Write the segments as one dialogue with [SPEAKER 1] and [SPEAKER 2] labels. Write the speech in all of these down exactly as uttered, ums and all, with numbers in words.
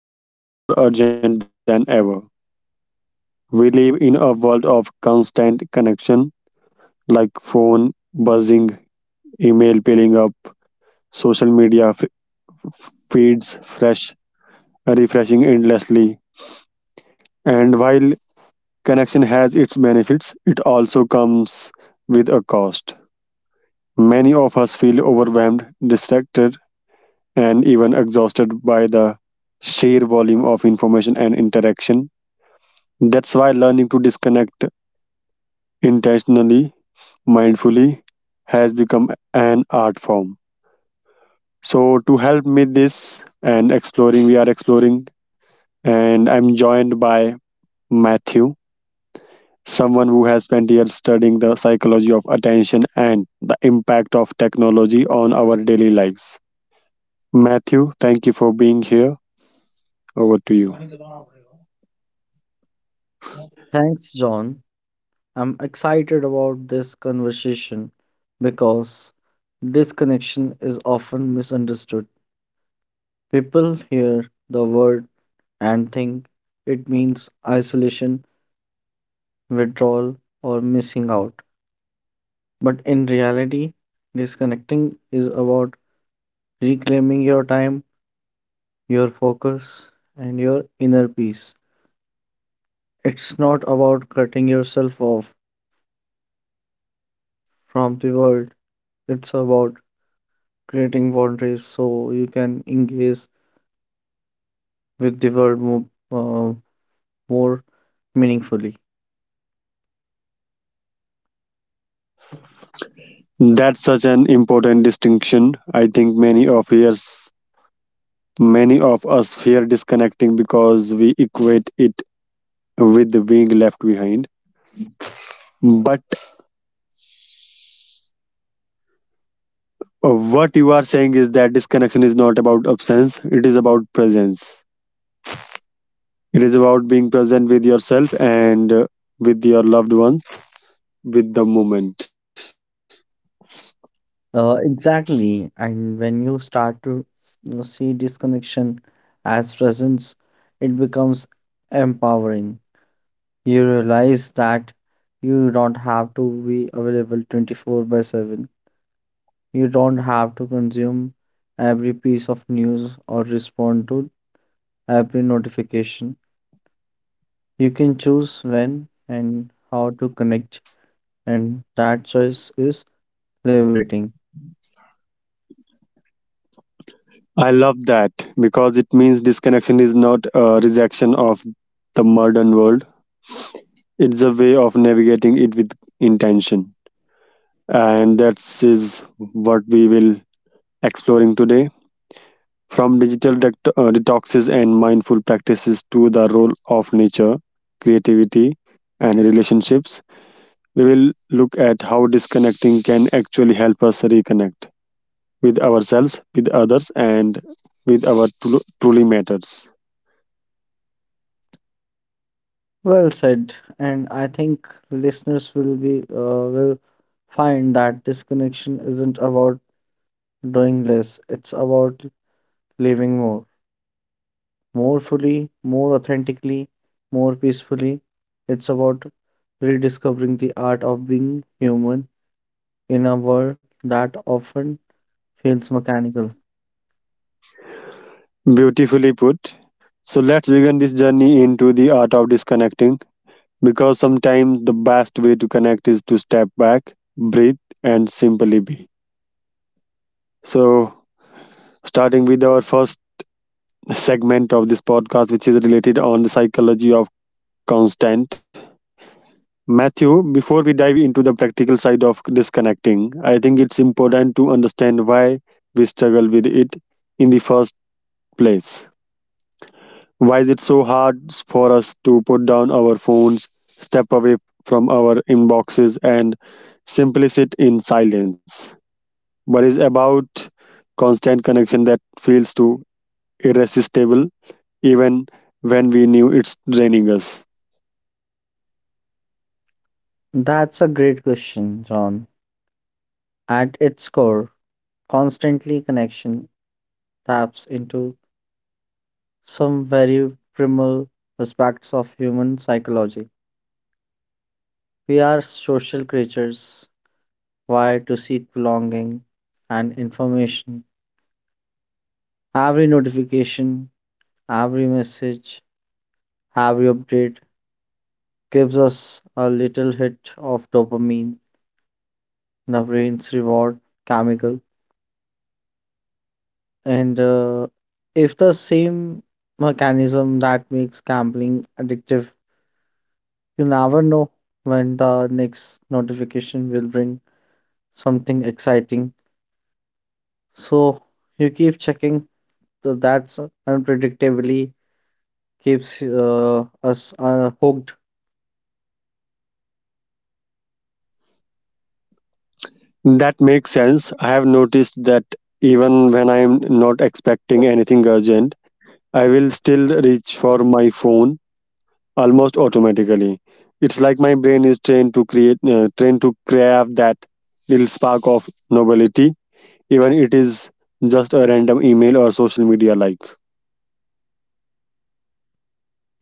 [SPEAKER 1] that feels more urgent than ever. We live in a world of constant connection, like phone buzzing, email piling up, social media f- feeds fresh, refreshing endlessly. And while connection has its benefits, it also comes with a cost. Many of us feel overwhelmed, distracted, and even exhausted by the sheer volume of information and interaction. That's why learning to disconnect intentionally, mindfully, has become an art form. So, to help me this and exploring, we are exploring, and I'm joined by Matthew, someone who has spent years studying the psychology of attention and the impact of technology on our daily lives. Matthew, thank you for being here. Over to you.
[SPEAKER 2] Thanks, John. I'm excited about this conversation because disconnection is often misunderstood. People hear the word and think it means isolation, withdrawal, or missing out. But in reality, disconnecting is about reclaiming your time, your focus, and your inner peace. It's not about cutting yourself off from the world, it's about creating boundaries so you can engage with the world more, uh, more meaningfully.
[SPEAKER 1] That's such an important distinction. I think many of us, many of us fear disconnecting because we equate it with being left behind. But uh, what you are saying is that disconnection is not about absence; it is about presence. It is about being present with yourself and uh, with your loved ones, with the moment.
[SPEAKER 2] Uh, exactly. And when you start to s- you know, see disconnection as presence, it becomes empowering. You realize that you don't have to be available twenty-four by seven. You don't have to consume every piece of news or respond to every notification. You can choose when and how to connect, and that choice is liberating.
[SPEAKER 1] I love that because it means disconnection is not a rejection of the modern world. It's a way of navigating it with intention. And that is what we will exploring today. From digital dect- uh, detoxes and mindful practices to the role of nature, creativity, and relationships, we will look at how disconnecting can actually help us reconnect with ourselves, with others, and with our tru- truly matters.
[SPEAKER 2] Well said, and I think listeners will be uh, will find that disconnection isn't about doing less; it's about living more, more fully, more authentically, more peacefully. It's about rediscovering the art of being human in a world that often feels mechanical.
[SPEAKER 1] Beautifully put. So let's begin this journey into the art of disconnecting. Because sometimes the best way to connect is to step back, breathe, and simply be. So, starting with our first segment of this podcast, which is related on the psychology of constant. Matthew, before we dive into the practical side of disconnecting, I think it's important to understand why we struggle with it in the first place. Why is it so hard for us to put down our phones, step away from our inboxes, and simply sit in silence? But it's about constant connection that feels too irresistible even when we knew it's draining us.
[SPEAKER 2] That's a great question, John. At its core, constantly connection taps into some very primal aspects of human psychology. We are social creatures wired to seek belonging and information. Every notification, every message, every update gives us a little hit of dopamine, the brain's reward chemical. And uh, If the same mechanism that makes gambling addictive, you never know when the next notification will bring something exciting. So you keep checking, so that's unpredictably keeps uh, us uh, hooked.
[SPEAKER 1] That makes sense. I have noticed that even when I'm not expecting anything urgent, I will still reach for my phone almost automatically. It's like my brain is trained to create, uh, trained to crave that little spark of novelty, even it is just a random email or social media like.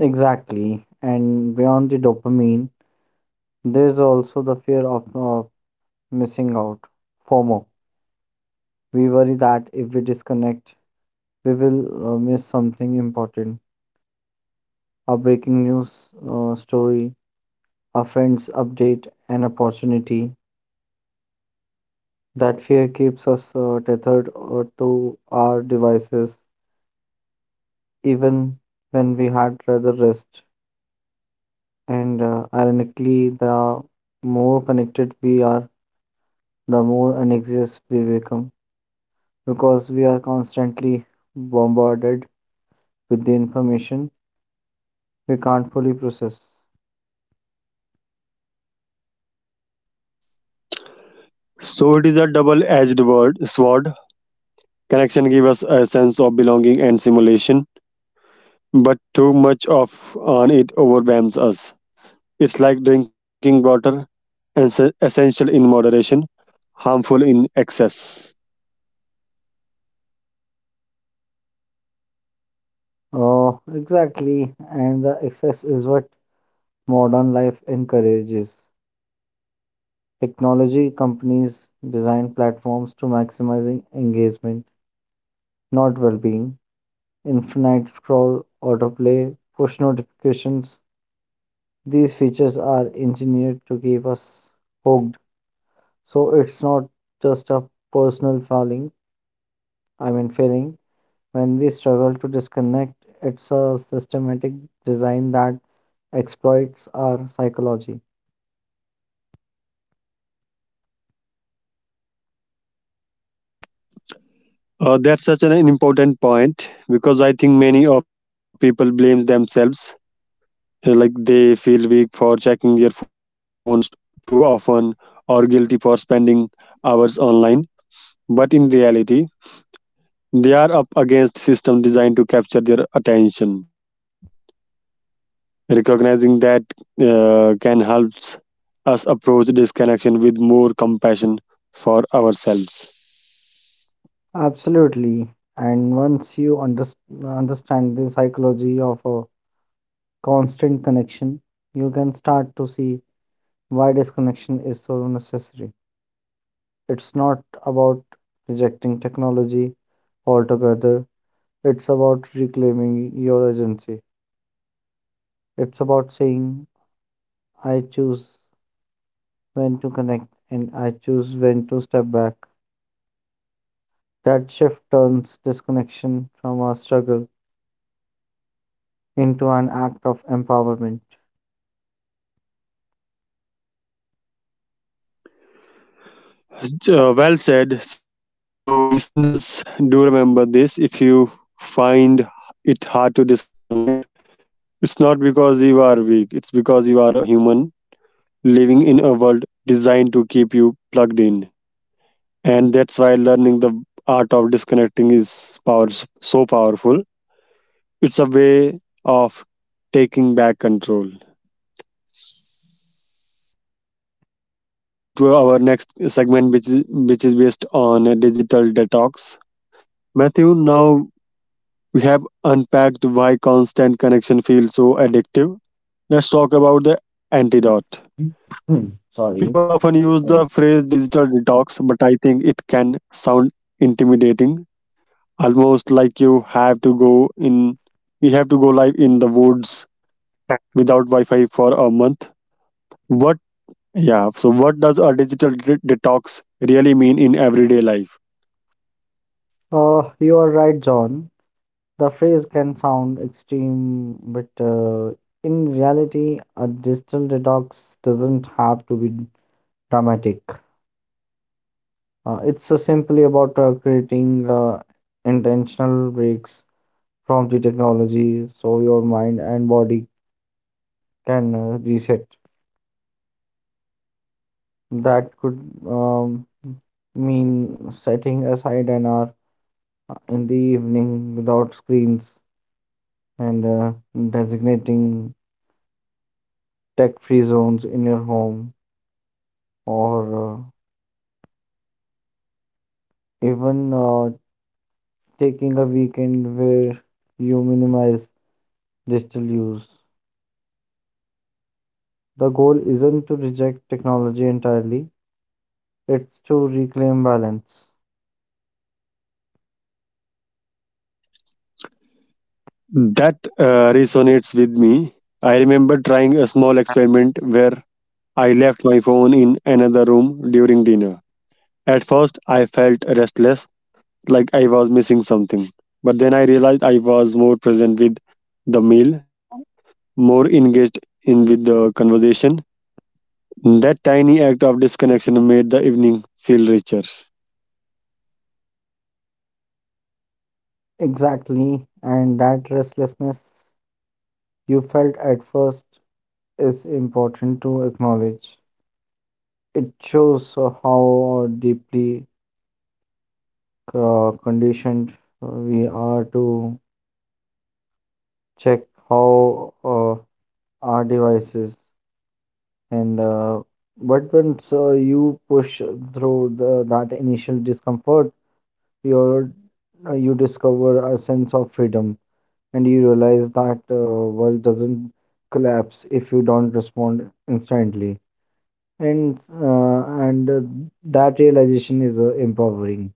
[SPEAKER 2] Exactly. And beyond the dopamine, there's also the fear of uh, missing out, FOMO. We worry that if we disconnect, we will uh, miss something important, a breaking news uh, story, a friend's update, an opportunity. That fear keeps us uh, tethered uh, to our devices, even when we had rather rest. And uh, Ironically, the more connected we are, the more anxious we become because we are constantly bombarded with the information we can't fully process.
[SPEAKER 1] So it is a double-edged word sword. Connection gives us a sense of belonging and simulation, but too much of on it overwhelms us. It's like drinking water, and se- essential in moderation, harmful in excess.
[SPEAKER 2] Oh, exactly. And the excess is what modern life encourages. Technology companies design platforms to maximizing engagement, not well-being. Infinite scroll, autoplay, push notifications. These features are engineered to keep us hooked, so it's not just a personal failing. I mean, failing when we struggle to disconnect. It's a systematic design that exploits our psychology.
[SPEAKER 1] Uh, that's such an important point because I think many of people blame themselves, uh, like they feel weak for checking their phones too often or guilty for spending hours online. But in reality, they are up against systems designed to capture their attention. Recognizing that uh, can helps us approach disconnection with more compassion for ourselves.
[SPEAKER 2] Absolutely. And once you underst understand the psychology of a constant connection, you can start to see why disconnection is so necessary. It's not about rejecting technology altogether, it's about reclaiming your agency. It's about saying, I choose when to connect and I choose when to step back. That shift turns disconnection from a struggle into an act of empowerment.
[SPEAKER 1] Uh, well said. So, listeners, do remember this. If you find it hard to disconnect, it's not because you are weak, it's because you are a human living in a world designed to keep you plugged in. And that's why learning the art of disconnecting is power, so powerful. It's a way of taking back control. So moving forward to our next segment, which is which is based on a digital detox. Matthew, now we have unpacked why constant connection feels so addictive. Let's talk about the antidote.
[SPEAKER 2] Hmm,
[SPEAKER 1] People
[SPEAKER 2] sorry.
[SPEAKER 1] often use the phrase digital detox, but I think it can sound intimidating, almost like you have to go in, you have to go live in the woods
[SPEAKER 2] Uh,
[SPEAKER 1] without Wi-Fi for a month. What Yeah. So, what does a digital de- detox really mean in everyday life?
[SPEAKER 2] you are right, John. The phrase can sound extreme, but uh, in reality, a digital detox doesn't have to be dramatic. Uh, it's uh, simply about uh, creating uh, intentional breaks from the technology so your mind and body can uh, reset. That could um, mean setting aside an hour uh, in the evening without screens and uh, designating tech free zones in your home or uh, even uh, taking a weekend where you minimize digital use. The goal isn't to reject technology entirely, it's to reclaim balance.
[SPEAKER 1] That uh, resonates with me. I remember trying a small experiment where I left my phone in another room during dinner. At first, I felt restless, like I was missing something. But then I realized I was more present with the meal, more engaged in with the conversation. That tiny act of disconnection made the evening feel richer.
[SPEAKER 2] Exactly, and that restlessness you felt at first is important to acknowledge. It shows how deeply uh, conditioned we are to check how uh, our devices and uh, but once uh, you push through the, that initial discomfort, you're, you discover a sense of freedom and you realize that uh, world doesn't collapse if you don't respond instantly and uh, and uh, that realization is uh, empowering.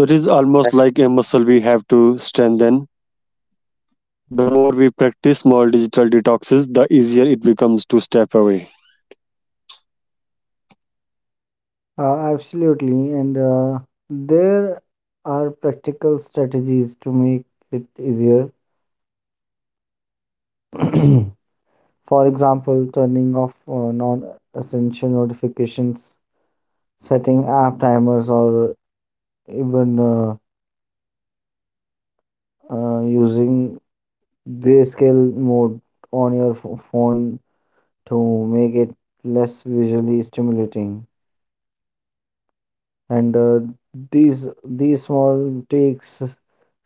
[SPEAKER 1] So it is
[SPEAKER 2] uh,
[SPEAKER 1] almost like a muscle we have to strengthen. The more we practice small digital detoxes, the easier it becomes to step away.
[SPEAKER 2] Absolutely. And uh, There are practical strategies to make it easier. For example, turning off uh, non-essential notifications, setting app timers, or even uh, uh, using grayscale mode on your ph- phone to make it less visually stimulating. And uh, these these small takes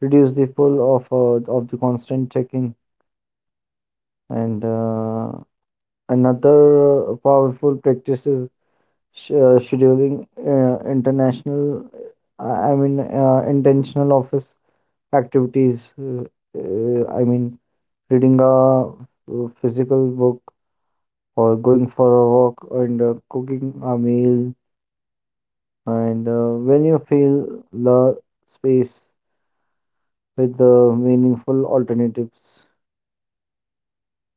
[SPEAKER 2] reduce the pull of uh, of the constant checking. And uh, Another uh, powerful practice is sh- uh, scheduling uh, international, I mean uh, intentional office activities. Uh, uh, I mean Reading a uh, physical book, or going for a walk, and uh, cooking a meal. And uh, When you fill the space with the meaningful alternatives,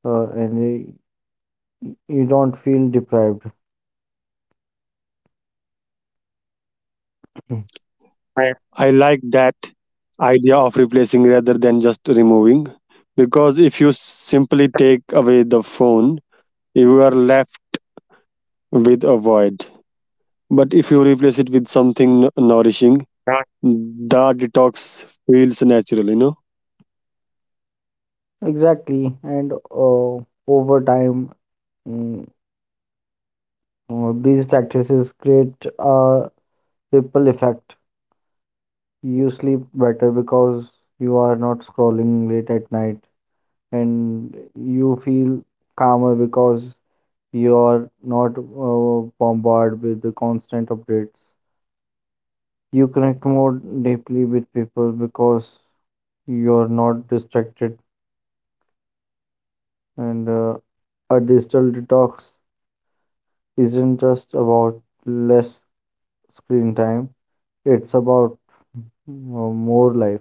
[SPEAKER 2] uh, and you, you don't feel deprived.
[SPEAKER 1] I like that idea of replacing rather than just removing because if you simply take away the phone, you are left with a void. But if you replace it with something n- nourishing,
[SPEAKER 2] Right.
[SPEAKER 1] the detox feels natural, you know.
[SPEAKER 2] Exactly, and uh, over time, mm, uh, these practices create a ripple effect. You sleep better because you are not scrolling late at night, and you feel calmer because you are not uh, bombarded with the constant updates. You connect more deeply with people because you're not distracted. And uh, a digital detox isn't just about less screen time, it's about uh, more life.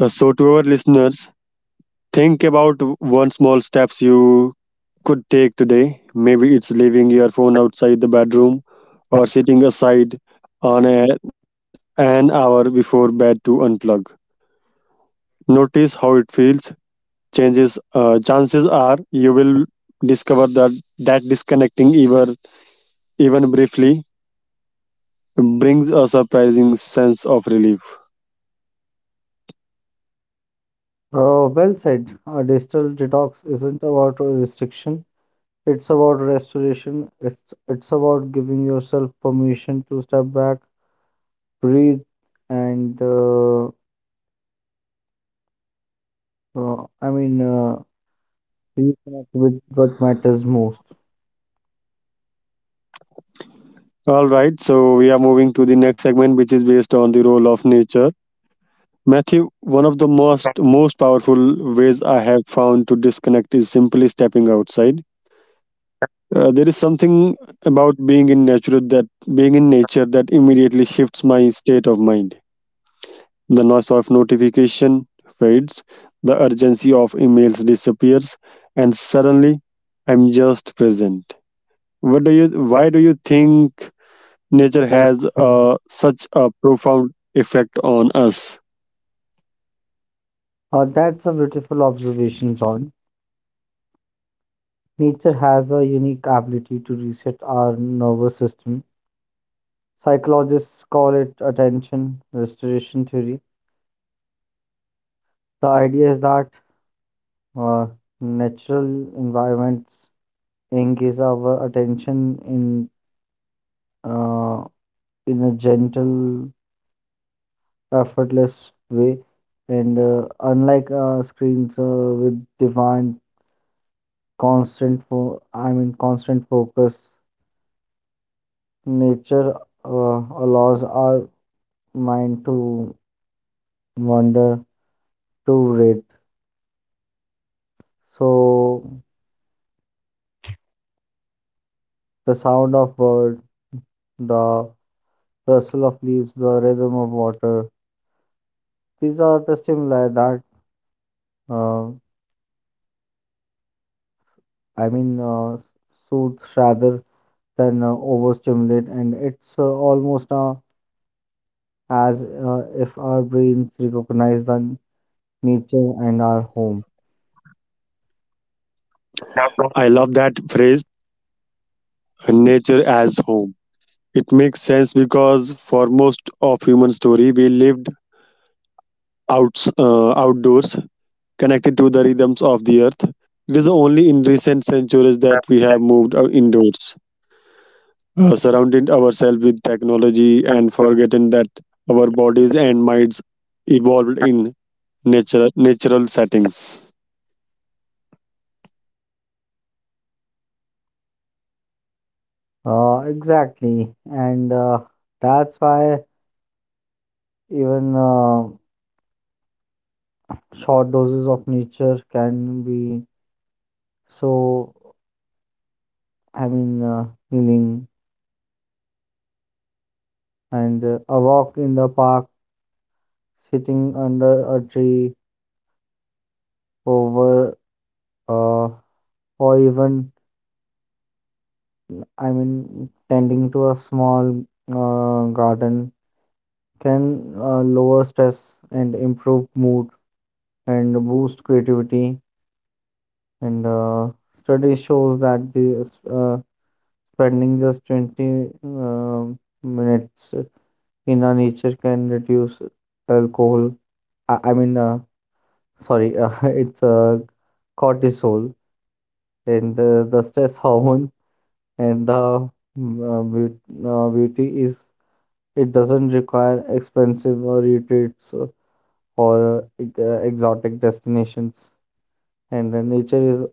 [SPEAKER 1] Uh, So, to our listeners, think about w- one small steps you could take today. Maybe it's leaving your phone outside the bedroom or sitting aside on a, an hour before bed to unplug. Notice how it feels. Changes uh, Chances are you will discover that that disconnecting even even briefly brings a surprising sense of relief.
[SPEAKER 2] Uh, well said. A digital detox isn't about a restriction. It's about restoration. It's it's about giving yourself permission to step back, breathe, and uh, uh, I mean, uh, reconnect with what matters most.
[SPEAKER 1] All right, so we are moving to the next segment which is based on the role of nature. Matthew, one of the most most powerful ways I have found to disconnect is simply stepping outside. Uh, there is something about being in nature that being in nature that immediately shifts my state of mind. The noise of notification fades, the urgency of emails disappears, and suddenly I'm just present. What do you? Why do you think nature has
[SPEAKER 2] Uh,
[SPEAKER 1] uh, such a profound effect on us?
[SPEAKER 2] that's a beautiful observation, John. Nature has a unique ability to reset our nervous system. Psychologists call it attention restoration theory. The idea is that uh, natural environments engage our attention in uh, in a gentle, effortless way, and uh, unlike uh, screens uh, with divine constant fo- I mean constant focus. Nature uh, allows our mind to wander, to read. So, the sound of bird, the rustle of leaves, the rhythm of water, these are the stimuli that, uh, I mean, uh, soothe rather than uh, overstimulate, and it's uh, almost uh, as uh, if our brains recognize the nature and our home.
[SPEAKER 1] I love that phrase nature as home. It makes sense because for most of human story, we lived outs, uh, outdoors, connected to the rhythms of the earth. It is only in recent centuries that we have moved uh, indoors, uh, surrounded ourselves with technology and forgotten that our bodies and minds evolved in natural natural settings.
[SPEAKER 2] Uh, exactly, and uh, that's why. Even uh, short doses of nature can be so, I mean, uh, healing. And uh, A walk in the park, sitting under a tree, over, uh, or even, I mean, tending to a small uh, garden can uh, lower stress and improve mood and boost creativity. And uh, Study shows that the uh, spending just twenty um minutes in our nature can reduce alcohol. I, I mean, uh, sorry, uh, it's uh, cortisol, and uh, the stress hormone, and the mm, uh, beaut- uh, beauty is it doesn't require expensive uh, retreats uh, or uh, ex- uh, exotic destinations. And the nature is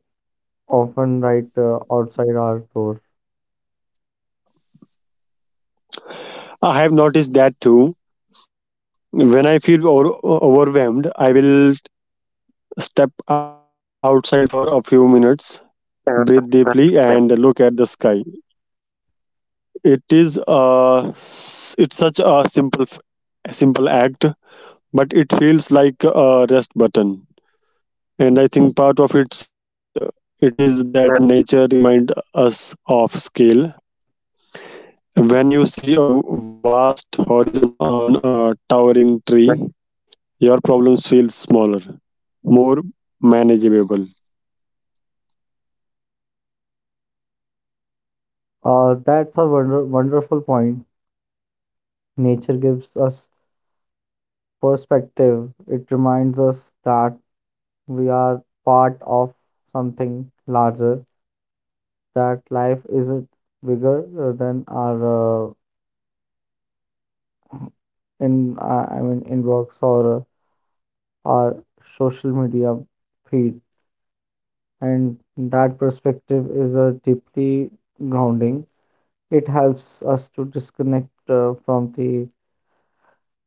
[SPEAKER 2] often right uh, outside our door.
[SPEAKER 1] I have noticed that too. When I feel over, overwhelmed, I will step outside for a few minutes, breathe deeply, and look at the sky. It is a, it's such a simple f- a simple act, but it feels like a rest button. And I think part of it's it is that nature remind us of scale. When you see a vast horizon on a towering tree, your problems feel smaller, more manageable.
[SPEAKER 2] Uh, that's a wonder wonderful point. Nature gives us perspective. It reminds us that we are part of something larger, that life is it bigger uh, than our uh, in uh, I mean inbox or uh, our social media feed, and that perspective is uh, deeply grounding. It helps us to disconnect uh, from the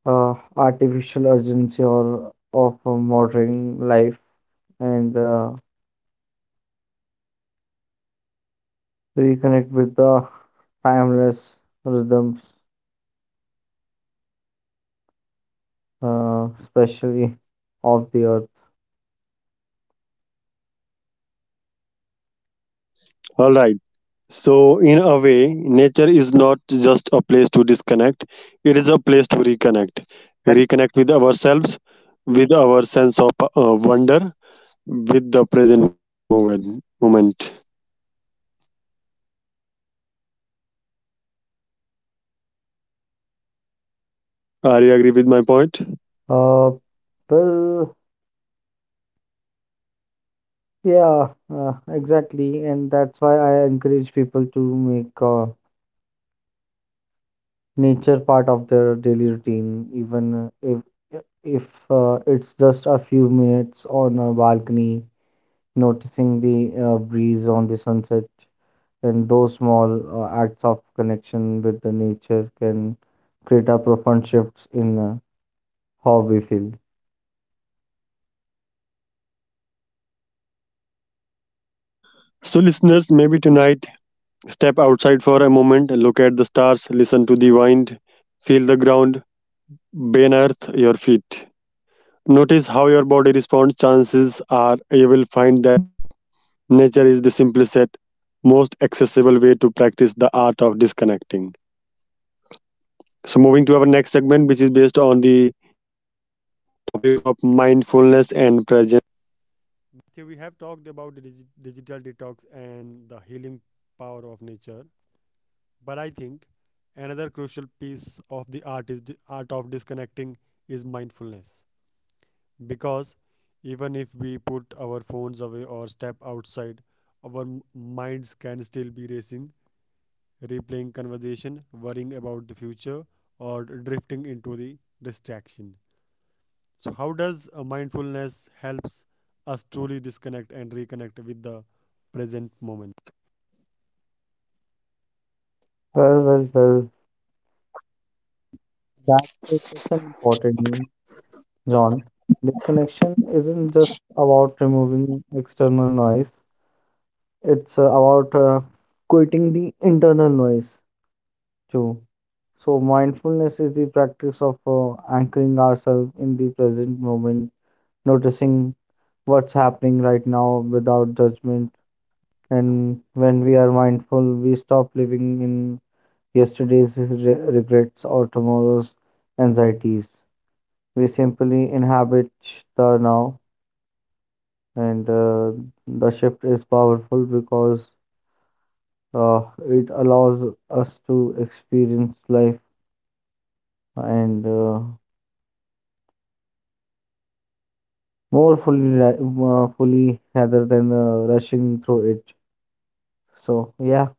[SPEAKER 2] uh, artificial urgency or of uh, modern life and uh, reconnect with the timeless rhythms, uh, especially of the earth.
[SPEAKER 1] Alright. So, in a way, nature is not just a place to disconnect, it is a place to reconnect. Reconnect with ourselves, with our sense of uh, wonder, with the present moment. moment. Are you agree with my point?
[SPEAKER 2] Uh, well, yeah, uh, exactly, and that's why I encourage people to make uh, nature part of their daily routine, even if if uh, it's just a few minutes on a balcony, noticing the uh, breeze on the sunset, and those small uh, acts of connection with the nature can create a profound shifts in uh, how we feel.
[SPEAKER 1] So, listeners, maybe tonight step outside for a moment, look at the stars, listen to the wind, feel the ground beneath your feet. Notice how your body responds. Chances are you will find that nature is the simplest, set, most accessible way to practice the art of disconnecting. So, moving to our next segment, which is based on the topic of mindfulness and
[SPEAKER 2] Well, well, well. That is such an important one, John. Disconnection isn't just about removing external noise, it's uh, about uh, quitting the internal noise too. So, mindfulness is the practice of uh, anchoring ourselves in the present moment, noticing what's happening right now without judgment. And when we are mindful, we stop living in yesterday's re- regrets or tomorrow's anxieties. We simply inhabit the now, and uh, the shift is powerful because uh, it allows us to experience life and uh, more fully, ra- uh, fully rather than uh, rushing through it. So yeah.